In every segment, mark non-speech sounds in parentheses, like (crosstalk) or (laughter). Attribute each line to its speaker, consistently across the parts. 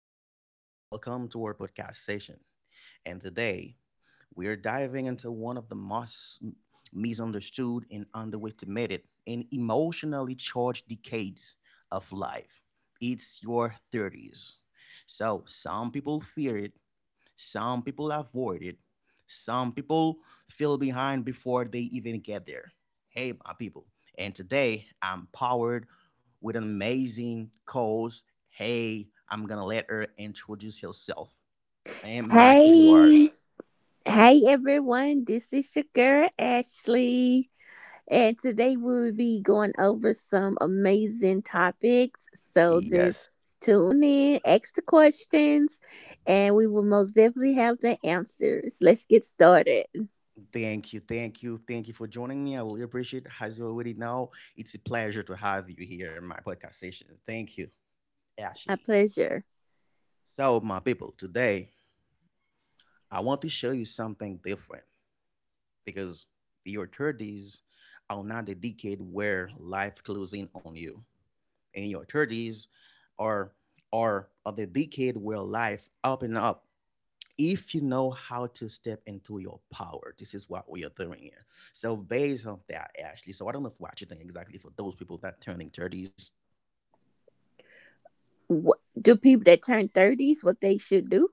Speaker 1: Ito. Welcome to our podcast session. And today, we are diving into one of the most misunderstood and underestimated and emotionally charged decades of life. It's your 30s. So, some people fear it, some people avoid it. Some people feel behind before they even get there. Hey, my people. And today I'm powered with an amazing cause. Hey, I'm going to let her introduce herself. And Mike is
Speaker 2: Hey,
Speaker 1: yours.
Speaker 2: hey everyone, this is your girl Ashley, and today we will be going over some amazing topics. So just
Speaker 1: Yes.
Speaker 2: tune in, ask the questions, and we will most definitely have the answers. Let's get started.
Speaker 1: Thank you. Thank you. Thank you for joining me. I really appreciate it. As you already know, it's a pleasure to have you here in my podcast session. Thank you,
Speaker 2: My
Speaker 1: Ashley.
Speaker 2: pleasure.
Speaker 1: So, my people, today I want to show you something different, because your 30s are not the decade where life closes in on you. And your 30s are are the decade where life open up if you know how to step into your power. This is what we are doing here. So based on that, Ashley. So I don't know what you think exactly for those people that turning 30s.
Speaker 2: What do people that turn 30s, what they should do?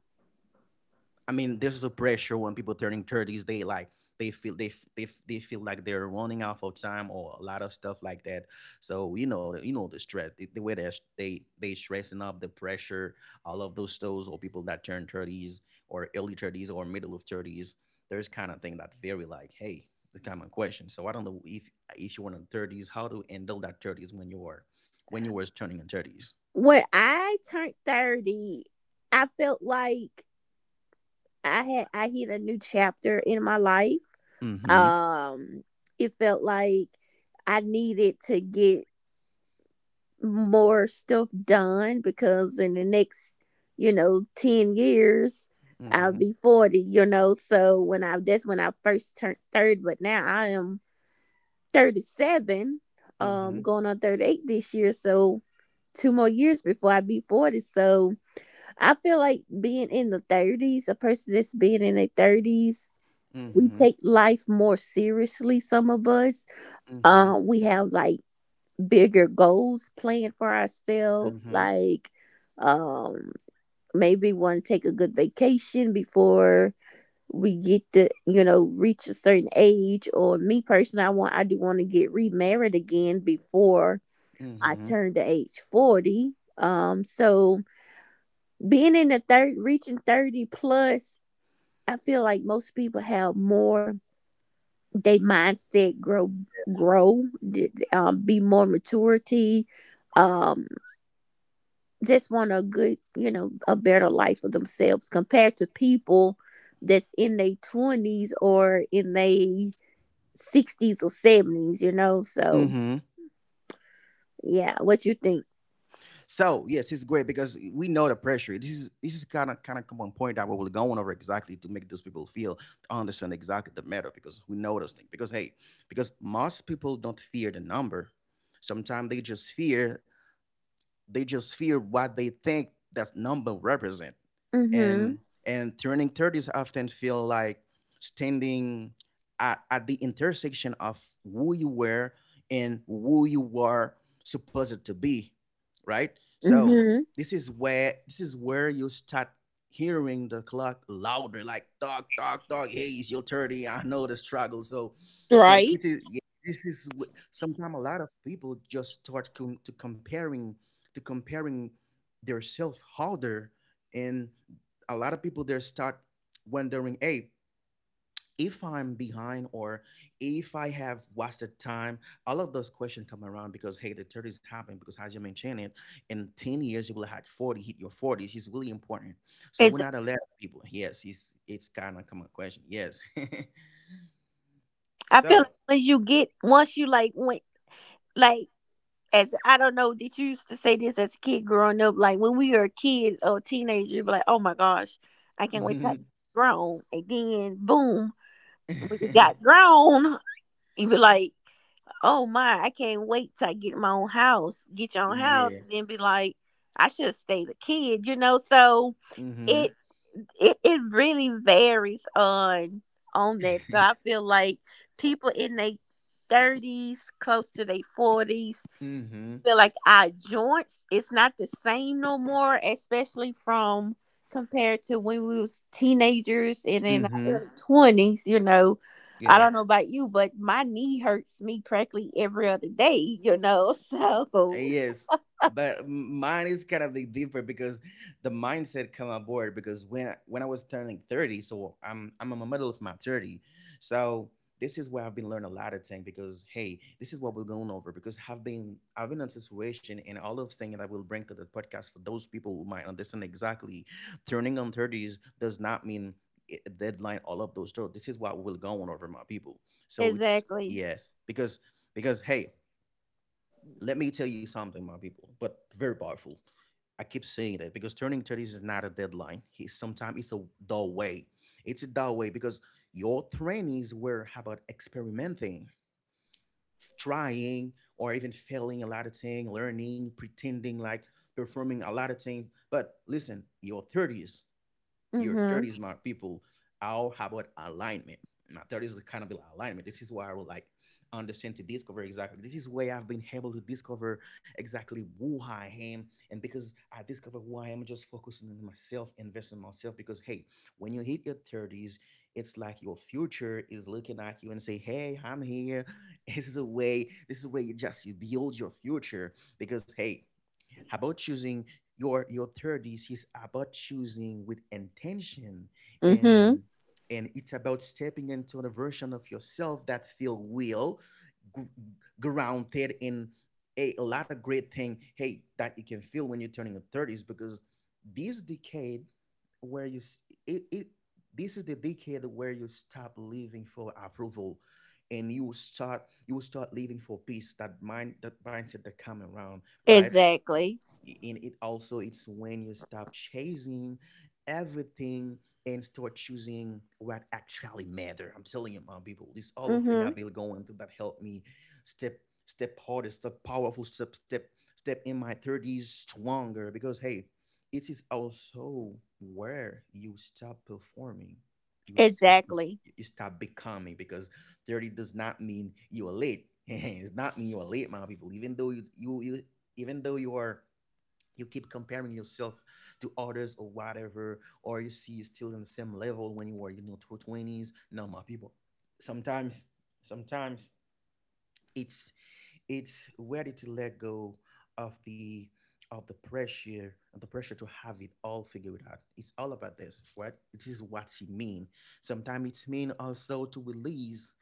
Speaker 1: I mean, there's a pressure when people turning thirties. They feel they feel like they're running out of time or a lot of stuff like that. So you know the stress, the way they stressing up, the pressure, all of those or people that turn thirties or early 30s or middle of thirties. There's kind of thing that very like, hey, the common question. So I don't know if you're in the 30s, how to handle that thirties when you are when you were turning in thirties.
Speaker 2: When I turned 30, I felt like I hit a new chapter in my life.
Speaker 1: Mm-hmm.
Speaker 2: um it felt like I needed to get more stuff done because in the next 10 years I'll
Speaker 1: Mm-hmm.
Speaker 2: be 40, so when I that's when I first turned 30. But now I am 37,
Speaker 1: Mm-hmm.
Speaker 2: going on 38 this year. So two more years before I be 40. So I feel like being in the 30s, a person that's being in their 30s, we
Speaker 1: Mm-hmm.
Speaker 2: take life more seriously, some of us.
Speaker 1: Mm-hmm.
Speaker 2: We have, like, bigger goals planned for ourselves,
Speaker 1: Mm-hmm.
Speaker 2: like. um Maybe want to take a good vacation before we get to, reach a certain age. Or me personally, I do want to get remarried again before I
Speaker 1: Mm-hmm.
Speaker 2: turn to age 40. So being in the third, reaching 30 plus, I feel like most people have more, they mindset grow. Be more maturity. um just want a good, a better life for themselves compared to people that's in their 20s or in their 60s or 70s, so
Speaker 1: Mm-hmm.
Speaker 2: yeah, what you think?
Speaker 1: So yes, it's great because we know the pressure. This is kind of come on point that we were going over exactly to make those people feel understand exactly the matter because we know those things. Because hey, because most people don't fear the number. Sometimes they just fear what they think that number represent,
Speaker 2: Mm-hmm.
Speaker 1: and turning 30s often feel like standing at the intersection of who you were and who you were supposed to be, right? So
Speaker 2: Mm-hmm.
Speaker 1: this is where you start hearing the clock louder, like dog dog dog, hey, it's your 30. I know the struggle. So so it's-
Speaker 2: Right?
Speaker 1: it is, yeah, this is sometimes a lot of people just start to comparing their self harder, and a lot of people there start wondering, hey, if I'm behind or if I have wasted time. All of those questions come around because hey, the 30s happen because, as you mentioned it, in 10 years you will have 40, hit your 40s. It's really important. So we're
Speaker 2: Exactly.
Speaker 1: not allowed people. Yes, it's kind of come a question. Yes.
Speaker 2: I
Speaker 1: (laughs)
Speaker 2: feel like
Speaker 1: So
Speaker 2: when you get once you, like, went, like, as I don't know, did you used to say this as a kid growing up? Like when we were a kid or a teenager, you'd be like, oh my gosh, I can't wait till I get
Speaker 1: mhm.
Speaker 2: grown. And then boom, when you got
Speaker 1: (laughs)
Speaker 2: grown, you'd be like, oh my, I can't wait till I get my own house, get your own house,
Speaker 1: Yeah.
Speaker 2: and then be like, I should have stayed a kid, you know? So it,
Speaker 1: Mm-hmm.
Speaker 2: it really varies on that. So I
Speaker 1: (laughs)
Speaker 2: feel like people in their thirties, close to their forties,
Speaker 1: Mm-hmm.
Speaker 2: feel like our joints it's not the same no more, especially from compared to when we was teenagers and in our
Speaker 1: Mm-hmm.
Speaker 2: early 20s. I
Speaker 1: Yeah.
Speaker 2: don't know about you, but my knee hurts me practically every other day. (laughs) So,
Speaker 1: Yes, but mine is kind of big different because the mindset come aboard because when I was turning 30, so I'm in the middle of my 30, so this is where I've been learning a lot of things because hey, this is what we're going over because I've been in situation and all of things that I will bring to the podcast for those people who might understand exactly, turning on thirties does not mean a deadline, all of those. So this is what we're going over, my people. So it's
Speaker 2: exactly.
Speaker 1: yes, because hey, let me tell you something, my people, but very powerful. I keep saying that because turning 30 is not a deadline. It's sometimes it's a dull way. It's a dull way because your 20s were about experimenting, trying, or even failing a lot of things, learning, pretending like performing a lot of things. But listen, your
Speaker 2: Mhm.
Speaker 1: 30s, smart people, how about alignment. My 30s is kind of like alignment. This is where I would like understand to discover exactly. This is where I've been able to discover exactly who I am, and because I discover who I am, just focusing on myself, investing in myself, because hey, when you hit your 30s, it's like your future is looking at you and say, hey, I'm here. (laughs) This is a way. This is where you build your future, because hey, about choosing, your 30s is about choosing with intention,
Speaker 2: Mhm.
Speaker 1: and it's about stepping into the version of yourself that feel real, gr- grounded in a lot of great thing, hey, that you can feel when you're turning your 30s, because this decade where it, this is the decade where you stop living for approval, and you will start living for peace, that mind, that mindset that come around, right?
Speaker 2: Exactly.
Speaker 1: And it also, it's when you stop chasing everything and start choosing what actually matter. I'm telling you, my people, this all of thing
Speaker 2: Mhm.
Speaker 1: I've been going through that helped me step step harder step powerful step step step in my 30s stronger, because hey, it is also where you stop performing, you start be-
Speaker 2: Exactly.
Speaker 1: you start becoming, because 30 does not mean you are late. (laughs) It's not mean you are late, my people, even though you even though you are, you keep comparing yourself to others or whatever, or you see you're still in the same level when you were, you know, through twenties. No, my people. Sometimes, sometimes it's it's ready to let go of the of the pressure to have it all figured out. It's all about this, right? It is what it mean. Sometimes it's mean also to release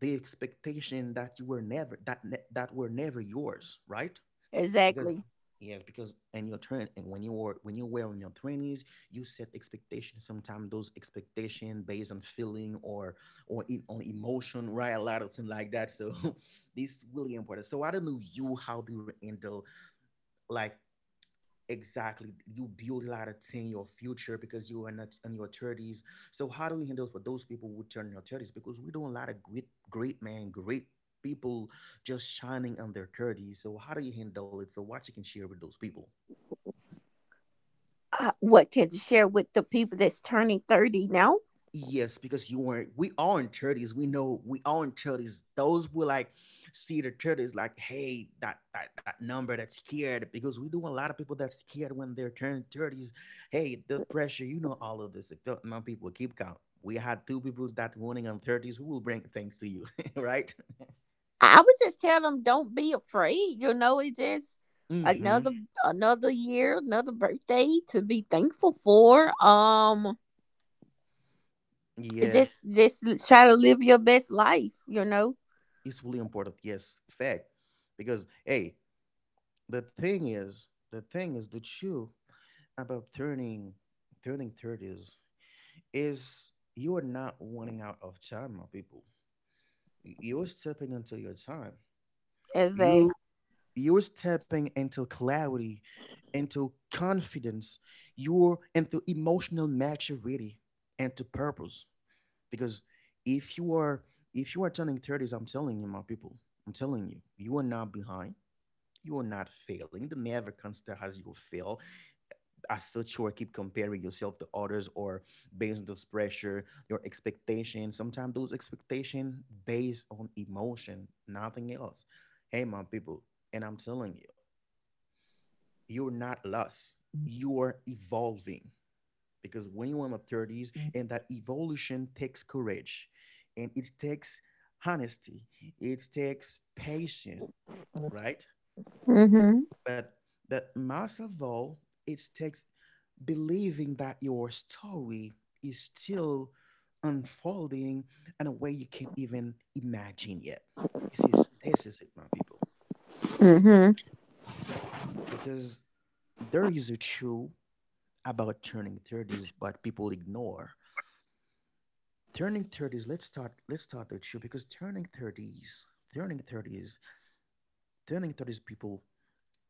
Speaker 1: the expectation that you were never, that were never yours, right? Because
Speaker 2: Exactly.
Speaker 1: yes, because in your turn, and when you're wearing your 20s, you set expectations, sometimes those expectations based on feeling, or on emotion, right, a lot of things like that. So (laughs) this is really important. So I don't know you, how do you handle, like, exactly. You build a lot of things in your future because you are not in your thirties. So how do we handle for those people who turn in their thirties? Because we don't a lot of great men, great people just shining on their thirties. So how do you handle it? So what you can share with those people?
Speaker 2: What can you share with the people that's turning 30 now?
Speaker 1: Yes, because you weren't. We all in thirties. We know we all in thirties. Those who like see the 30s, like, hey, that that number that's scared, because we do a lot of people that's scared when they're turning thirties. Hey, the pressure, you know, all of this. If don't- my people keep count. We had two people that warning on thirties who will bring things to you, (laughs) right?
Speaker 2: I would just tell them don't be afraid. It's just
Speaker 1: Mm-hmm.
Speaker 2: another another year, another birthday to be thankful for. It's
Speaker 1: Yeah,
Speaker 2: just try to live your best life. You know,
Speaker 1: it's really important. Yes, fact. Because hey, the thing is the truth about turning thirties is you are not running out of time, my people. You're stepping into your time.
Speaker 2: as a
Speaker 1: You you're stepping into clarity, into confidence, you're into emotional maturity, and to purpose. Because if you are if you are turning 30s, I'm telling you, my people, I'm telling you, you are not behind. You are not failing. The never consider as you fail, as such you are keep comparing yourself to others or based on those pressure, your expectations, sometimes those expectation based on emotion, nothing else. Hey, my people, and I'm telling you, you're not lost, you're evolving, because when you're in the 30s, and that evolution takes courage, and it takes honesty, it takes patience, right?
Speaker 2: Mm-hmm,
Speaker 1: But most of all, it takes believing that your story is still unfolding in a way you can't even imagine yet. This is it, my people.
Speaker 2: mm-hmm.
Speaker 1: Because there is a truth about turning 30s, but people ignore. Turning 30s, let's start the truth, because turning 30s, turning 30s, turning 30s people,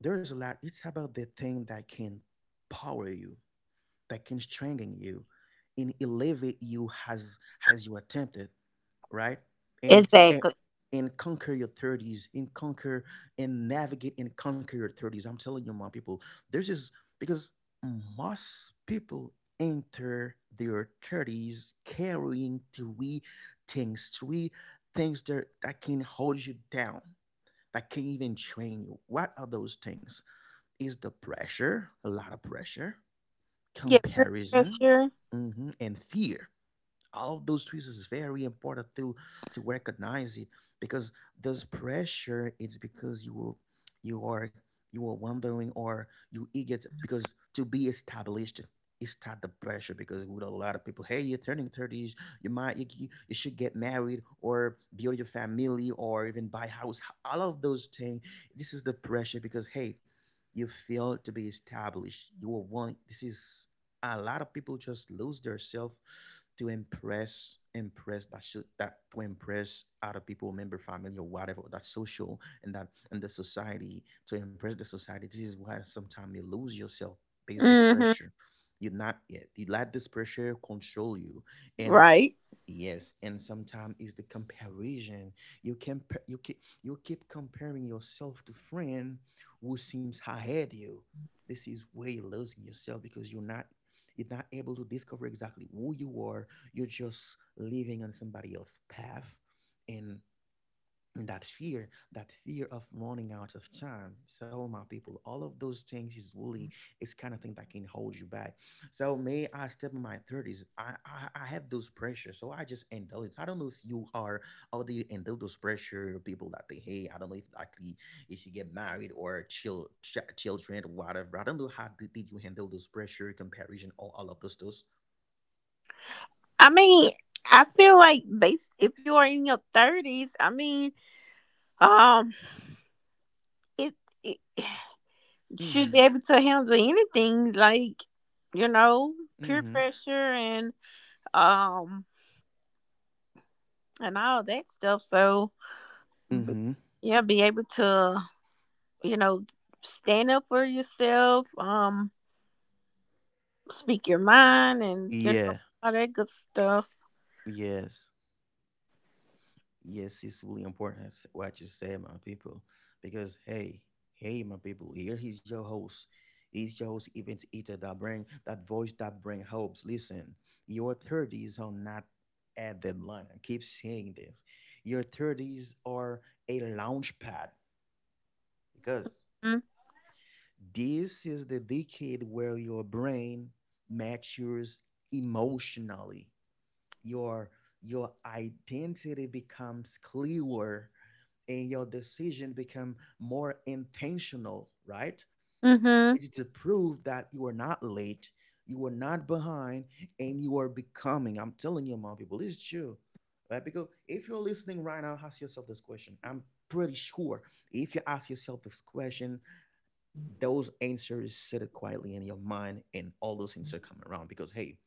Speaker 1: there's a lot it's about the thing that can power you, that can strengthen you and elevate you as you attempted, right? And and
Speaker 2: Exactly,
Speaker 1: and conquer your 30s, and conquer and conquer your 30s. I'm telling you, my people, this is because most people enter their 30s carrying three things that, can hold you down, that can even train you. What are those things? Is the pressure, a lot of pressure,
Speaker 2: get peer
Speaker 1: comparison,
Speaker 2: pressure.
Speaker 1: mhm, and fear. All of those twists, is very important to recognize it, because this pressure, it's because you are you are wondering or you eager because to be established. It's not the pressure because with a lot of people, hey, you're turning 30s, you might you, you you should get married or build your family or even buy house, all of those things. This is the pressure because hey, you feel to be established, you will want. This is a lot of people just lose their self to impress that should that to impress other people, member, family, or whatever that social and that and the society, to impress the society. This is why sometimes you lose yourself based on
Speaker 2: Mm-hmm.
Speaker 1: pressure. You're not yet, you let this pressure control you. And
Speaker 2: Right.
Speaker 1: yes, and sometimes it's the comparison. You can you keep comparing yourself to friend who seems ahead you. This is where you're losing yourself because you're not able to discover exactly who you are. You're just living on somebody else's path, and that fear of running out of time. So my people, all of those things is really, it's kind of thing that can hold you back. So may I step in my 30s, I had those pressure, so I just indulge. I don't know if you are, or do you indulge those pressure people that they hate. I don't know if likely, if you get married or chill children or whatever. I don't know how did you handle those pressure, comparison, or all of those those.
Speaker 2: I mean, I feel like based if you are in your thirties, I mean, um, it, it should
Speaker 1: Mm-hmm,
Speaker 2: be able to handle anything, like, you know peer
Speaker 1: mm-hmm,
Speaker 2: pressure and um and all that stuff. So b-
Speaker 1: mm-hmm,
Speaker 2: yeah, be able to, you know stand up for yourself. Speak your mind and,
Speaker 1: yeah.
Speaker 2: all that good stuff.
Speaker 1: Yes, yes, it's really important what you say, my people. Because hey, hey, my people, here he's your host. He's your host, event eater that bring that voice that bring hopes. Listen, your thirties are not a deadline. I keep saying this. Your thirties are a launch pad, because
Speaker 2: Mm-hmm,
Speaker 1: this is the decade where your brain matures emotionally. Your your identity becomes clearer and your decision become more intentional, right?
Speaker 2: mm-hmm,
Speaker 1: It's to prove that you are not late, you are not behind, and you are becoming. I'm telling you, my people, it's true. Right? Because if you're listening right now, ask yourself this question. I'm pretty sure if you ask yourself this question, those answers sit quietly in your mind and all those things are coming around. Because hey,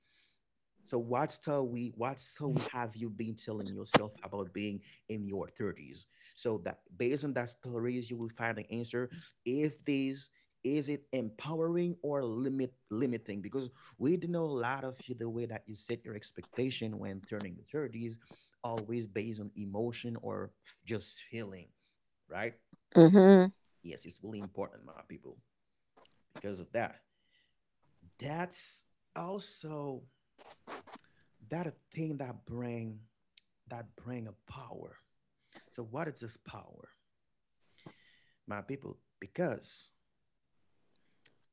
Speaker 1: so what's till we have you been telling yourself about being in your 30s? So that based on that stories, you will find the answer. If this is it empowering or limiting, because we do know a lot of you, the way that you set your expectation when turning the 30s, always based on emotion or just feeling, right? Yes, it's really important, my people. Because of that, that's also that a thing that bring, that bring a power. So what is this power, my people? Because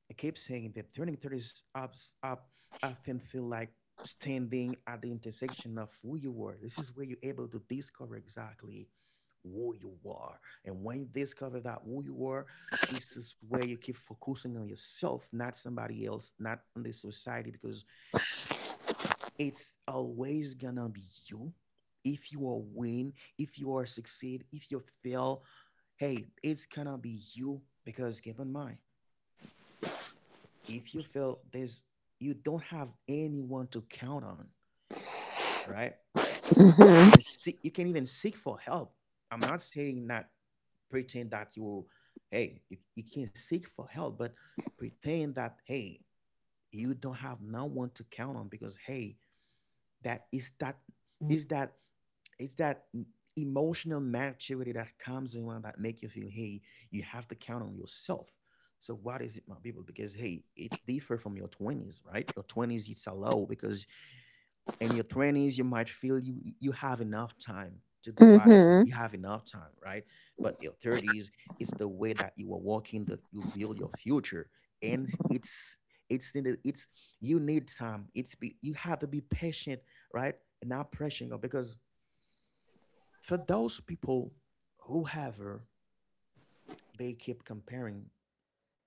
Speaker 1: I keep saying that turning 30s ups up often feel like standing at the intersection of who you are. This is where you're able to discover exactly who you are. And when you discover that who you are, this is where you keep focusing on yourself, not somebody else, not on the society, because it's always gonna be you. If you are win, if you are succeed, if you fail, hey, it's gonna be you, because keep in mind, if you fail, there's, you don't have anyone to count on, right? You
Speaker 2: mm-hmm,
Speaker 1: can seek, you can even seek for help. I'm not saying that pretend that you, hey, you can seek for help, but pretend that hey, you don't have no one to count on, because hey, that is that emotional maturity that comes in one, that make you feel, hey, you have to count on yourself. So what is it, my people? Because hey, it's different from your 20s, right? Your 20s, it's a low, because in your 20s, you might feel you have enough time to do whatever,
Speaker 2: mm-hmm.
Speaker 1: you have enough time, right? But your 30s, it's the way that you are walking, that you build your future. And it's it's, you need time, it's you have to be patient, right? And not pressing up, because for those people, whoever, they keep comparing,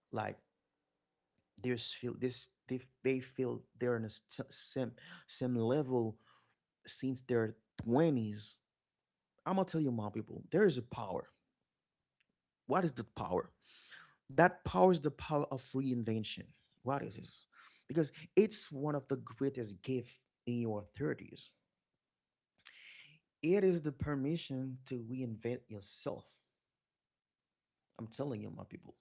Speaker 1: like, there's feel this they feel they're in a same level since their 20s. I'm gonna tell you, my people, there is a power. What is the power? That power is the power of reinvention. What is this? Because it's one of the greatest gifts in your 30s. It is the permission to reinvent yourself. I'm telling you, my people,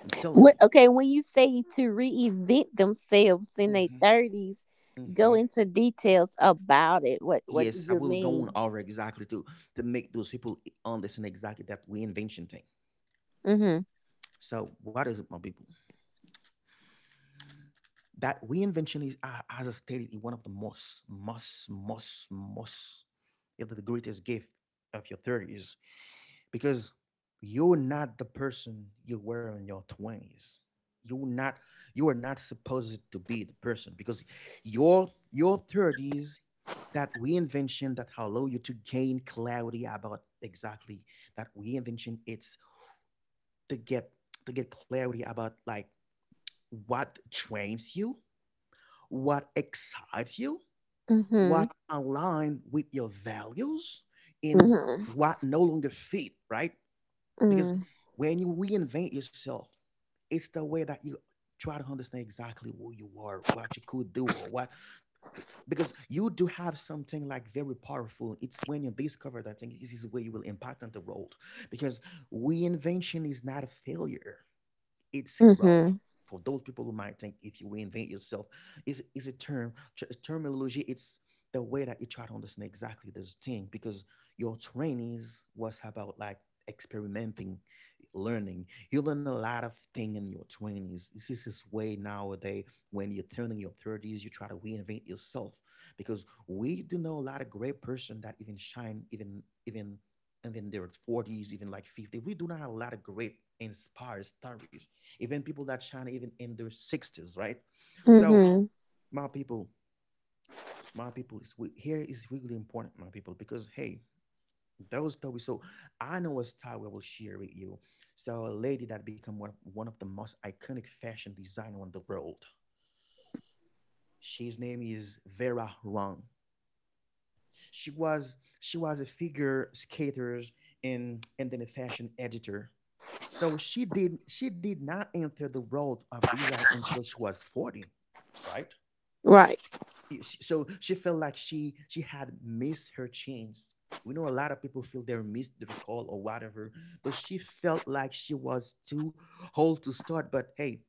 Speaker 1: I'm telling
Speaker 2: Okay, when you say to reinvent themselves in their
Speaker 1: you.
Speaker 2: 30s, go
Speaker 1: Hmm.
Speaker 2: into details about it. What do
Speaker 1: Yes, I
Speaker 2: you
Speaker 1: will go on
Speaker 2: mean?
Speaker 1: over exactly to make those people understand exactly that reinvention thing. So, what is it, my people? That reinvention is, as I stated, is one of the most, most, most, most, if not the greatest gift of your thirties. Because you're not the person you were in your 20s. You're not, you are not supposed to be the person, because your 30s, that reinvention that allow you to gain clarity about exactly, that reinvention, it's to get, to get clarity about like, what trains you, what excites you,
Speaker 2: Mhm.
Speaker 1: what align with your values in,
Speaker 2: Mhm.
Speaker 1: what no longer fit, right? Because
Speaker 2: Mm.
Speaker 1: when you reinvent yourself, it's the way that you try to understand exactly who you are, what you could do, or what. Because you do have something like very powerful. It's when you discover that thing, this is where you will impact on the world. Because reinvention is not a failure. It's growth.
Speaker 2: Mhm.
Speaker 1: For those people who might think if you reinvent yourself, is a term terminology. It's the way that you try to understand exactly this thing, because your trainees was about like experimenting, learning. You learn a lot of thing in your twenties. This is this way nowadays when you're turning your thirties, you try to reinvent yourself, because we do know a lot of great person that even shine, even even and then they 40s, even like 50. We do not have a lot of great inspired stories, even people that shine even in their 60s, right? So
Speaker 2: Mhm.
Speaker 1: my people, here is really important, my people, because hey, those stories, so I know a story I will share with you. So a lady that become one of the most iconic fashion designer on the world. She's name is Vera Wang. She was a figure skater, and then a fashion editor. So she did not enter the world of design until she was 40, right?
Speaker 2: Right.
Speaker 1: So she felt like she had missed her chance. We know a lot of people feel they missed their call or whatever, but she felt like she was too old to start, but hey,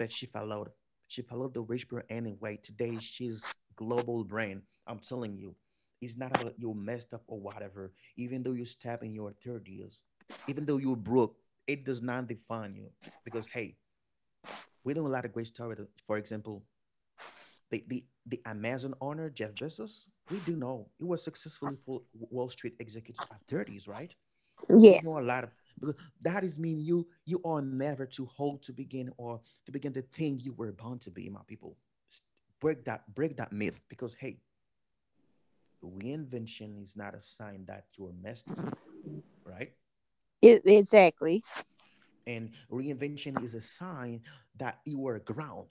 Speaker 1: but she followed the rich girl anyway. Today she's global brand, I'm telling you. It's not about you messed up or whatever. Even though you step in your 30s, even though you're broke, it does not define you, because hey, we know a lot of great stories. For example, the Amazon owner, Jeff Bezos, we do know he was successfully for Wall Street executive at 30s, right? We know a
Speaker 2: Yes.
Speaker 1: lot of, because that is mean you are never too old to begin, or to begin the thing you were born to be, my people. Break that myth, because hey, reinvention is not a sign that you are messed up, right?
Speaker 2: Exactly.
Speaker 1: And reinvention is a sign that you are ground.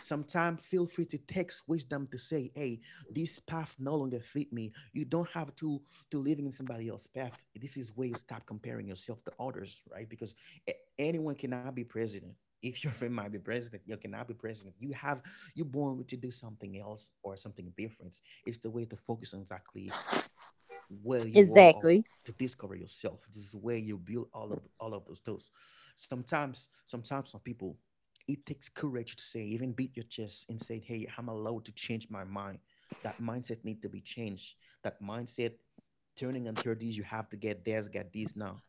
Speaker 1: Sometimes feel free to text wisdom to say, hey, this path no longer fit me. You don't have to living in somebody else's path. This is where you stop comparing yourself to others, right? Because anyone cannot be president. (laughs) If your friend might be president, you cannot be president. You have, you are born to do something else or something different. It's the way to focus on exactly where you are, or
Speaker 2: Exactly.
Speaker 1: to discover yourself. This is where you build all of those those. Sometimes, some people, it takes courage to say, even beat your chest and say, hey, I'm allowed to change my mind. That mindset need to be changed. That mindset, turning on 30s, you have to get this now.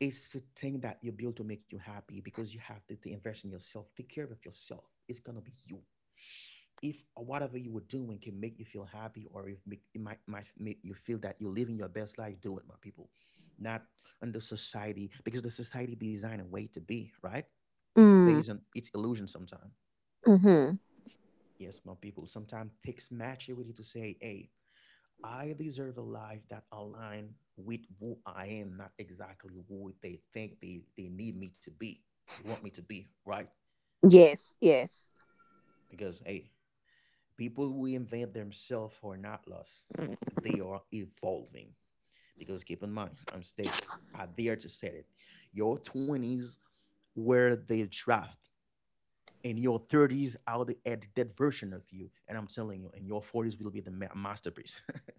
Speaker 1: It's the thing that you build to make you happy, because you have to invest in yourself. Take care of yourself. It's gonna be you. If whatever you were doing can make you feel happy, or if make, it might make you feel that you're living your best life, do it, my people. Not under society, because the society designed a way to be right. It's
Speaker 2: Mm.
Speaker 1: based on its illusion sometimes.
Speaker 2: Mhm.
Speaker 1: Yes, my people. Sometimes takes maturity to say, "Hey, I deserve a life that aligns with who I am, not exactly who they think they need me to be. They want me to be, right?
Speaker 2: Yes. Yes.
Speaker 1: Because hey, people who invent themselves are not lost. They are evolving. Because keep in mind, I'm stated, I dare to state it. Your 20s were the draft. And your 30s are the at that version of you. And I'm telling you, in your 40s will be the masterpiece. (laughs)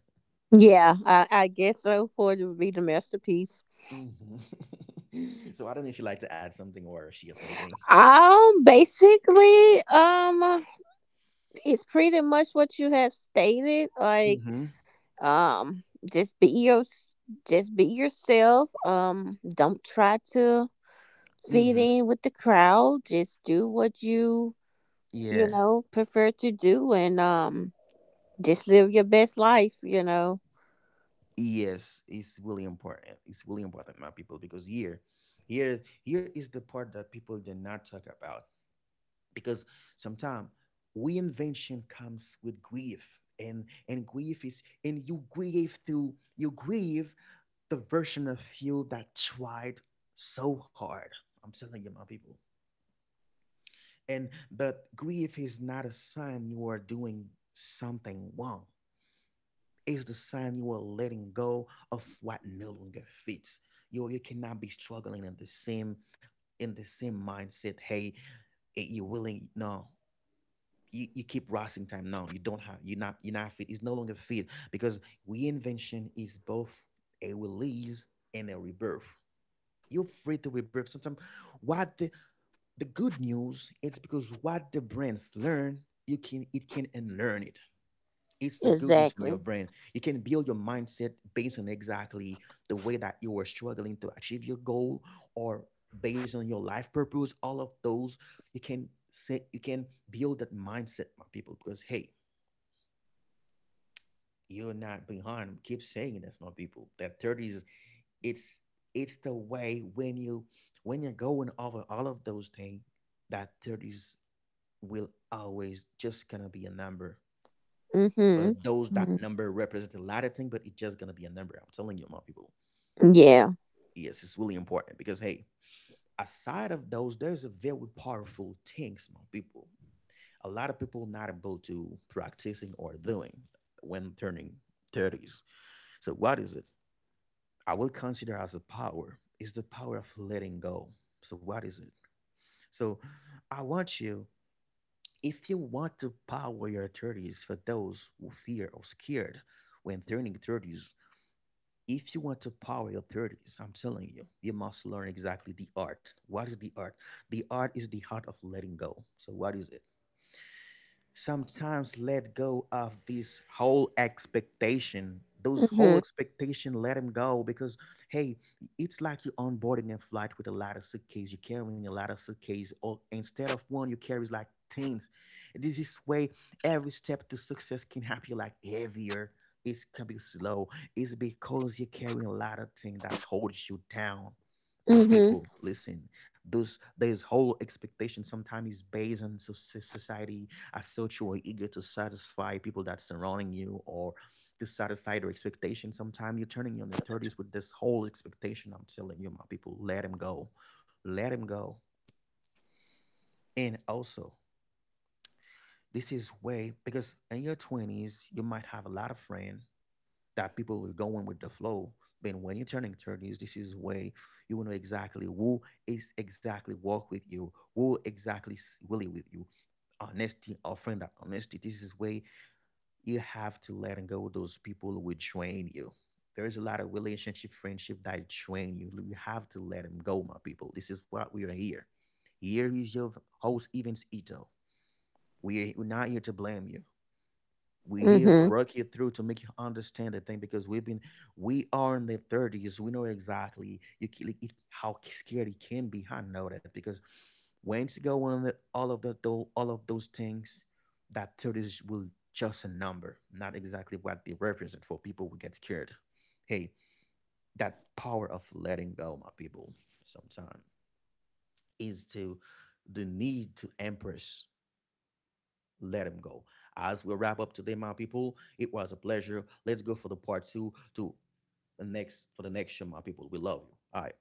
Speaker 2: Yeah. I guess so. For it to be the masterpiece.
Speaker 1: Mhm. (laughs) So I don't know if you'd like to add something or share something.
Speaker 2: Basically. It's pretty much what you have stated. Like.
Speaker 1: Mhm,
Speaker 2: Um. Just be your. Just be yourself. Don't try to fit
Speaker 1: mhm.
Speaker 2: in with the crowd. Just do what you
Speaker 1: Yeah.
Speaker 2: prefer to do, and just live your best life.
Speaker 1: Yes, it's really important. It's really important, my people, because here is the part that people did not talk about. Because sometimes reinvention comes with grief, and grief is and you grieve through you grieve the version of you that tried so hard. I'm telling you, my people. And but grief is not a sign you are doing something wrong. Is the sign you are letting go of what no longer fits. You cannot be struggling in the same mindset. Hey, eh, you're willing no. You keep rising time. No, you don't have. You're not. You're not fit. It's no longer fit because reinvention is both a release and a rebirth. You're free to rebirth. Sometimes, what the good news it's because what the brains learn, you can it can unlearn it. It's the good news from your
Speaker 2: Exactly.
Speaker 1: brain. You can build your mindset based on exactly the way that you were struggling to achieve your goal or based on your life purpose. All of those, you can say you can build that mindset, my people, because hey, you're not behind. Keep saying this, my people. That 30s, it's it's the way when you're going over all of those things, that 30s will always just gonna be a number. For
Speaker 2: Mhm.
Speaker 1: those, that
Speaker 2: Mhm.
Speaker 1: number represents a lot of thing, but it's just gonna be a number. I'm telling you, my people.
Speaker 2: Yeah.
Speaker 1: Yes, it's really important because hey, aside of those, there's a very powerful things, my people. A lot of people not able to practicing or doing when turning 30s. So what is it? I will consider as a power is the power of letting go. So what is it? So I want you, if you want to power your 30s for those who fear or scared when turning 30s, if you want to power your 30s, I'm telling you, you must learn exactly the art. What is the art? The art is the art of letting go. So, what is it? Sometimes let go of this whole expectation those whole
Speaker 2: Mhm.
Speaker 1: expectation let them go because hey it's like you're onboarding a flight with a lot of suitcase you're carrying a lot of suitcase or instead of one you carries like tens. This is way every step to success can happen like heavier, it's can be slow, it's because you're carrying a lot of things that holds you down. My
Speaker 2: Mhm.
Speaker 1: people listen, those there's whole expectation sometimes is based on society. I thought you were eager to satisfy people that's surrounding you or to satisfy their expectations. Sometimes you're turning you in your 30s with this whole expectation. I'm telling you, my people, let him go. Let him go. And also, this is way because in your 20s, you might have a lot of friends that people will go in with the flow. But when you're turning 30s, this is way you will know exactly who is exactly work with you, who exactly really with you. Honesty, offering that honesty. This is way you have to let go those people who would drain you. There's a lot of relationship, friendship that drain you. You have to let them go, my people. This is what we are here. Here is your host, Evans Ito. We're not here to blame you, we here to
Speaker 2: Mhm.
Speaker 1: work you through to make you understand the thing because we've been we are in the 30s, we know exactly you ca- like, it, how scared it can be. I know that because once you go on the, all of the all of those things, that 30s will just a number not exactly what they represent for people who get scared. Hey, that power of letting go, my people, sometimes is to the need to embrace let him go. As we wrap up today, my people, it was a pleasure. Let's go for the part 2 to the next for the next show, my people. We love you. All right.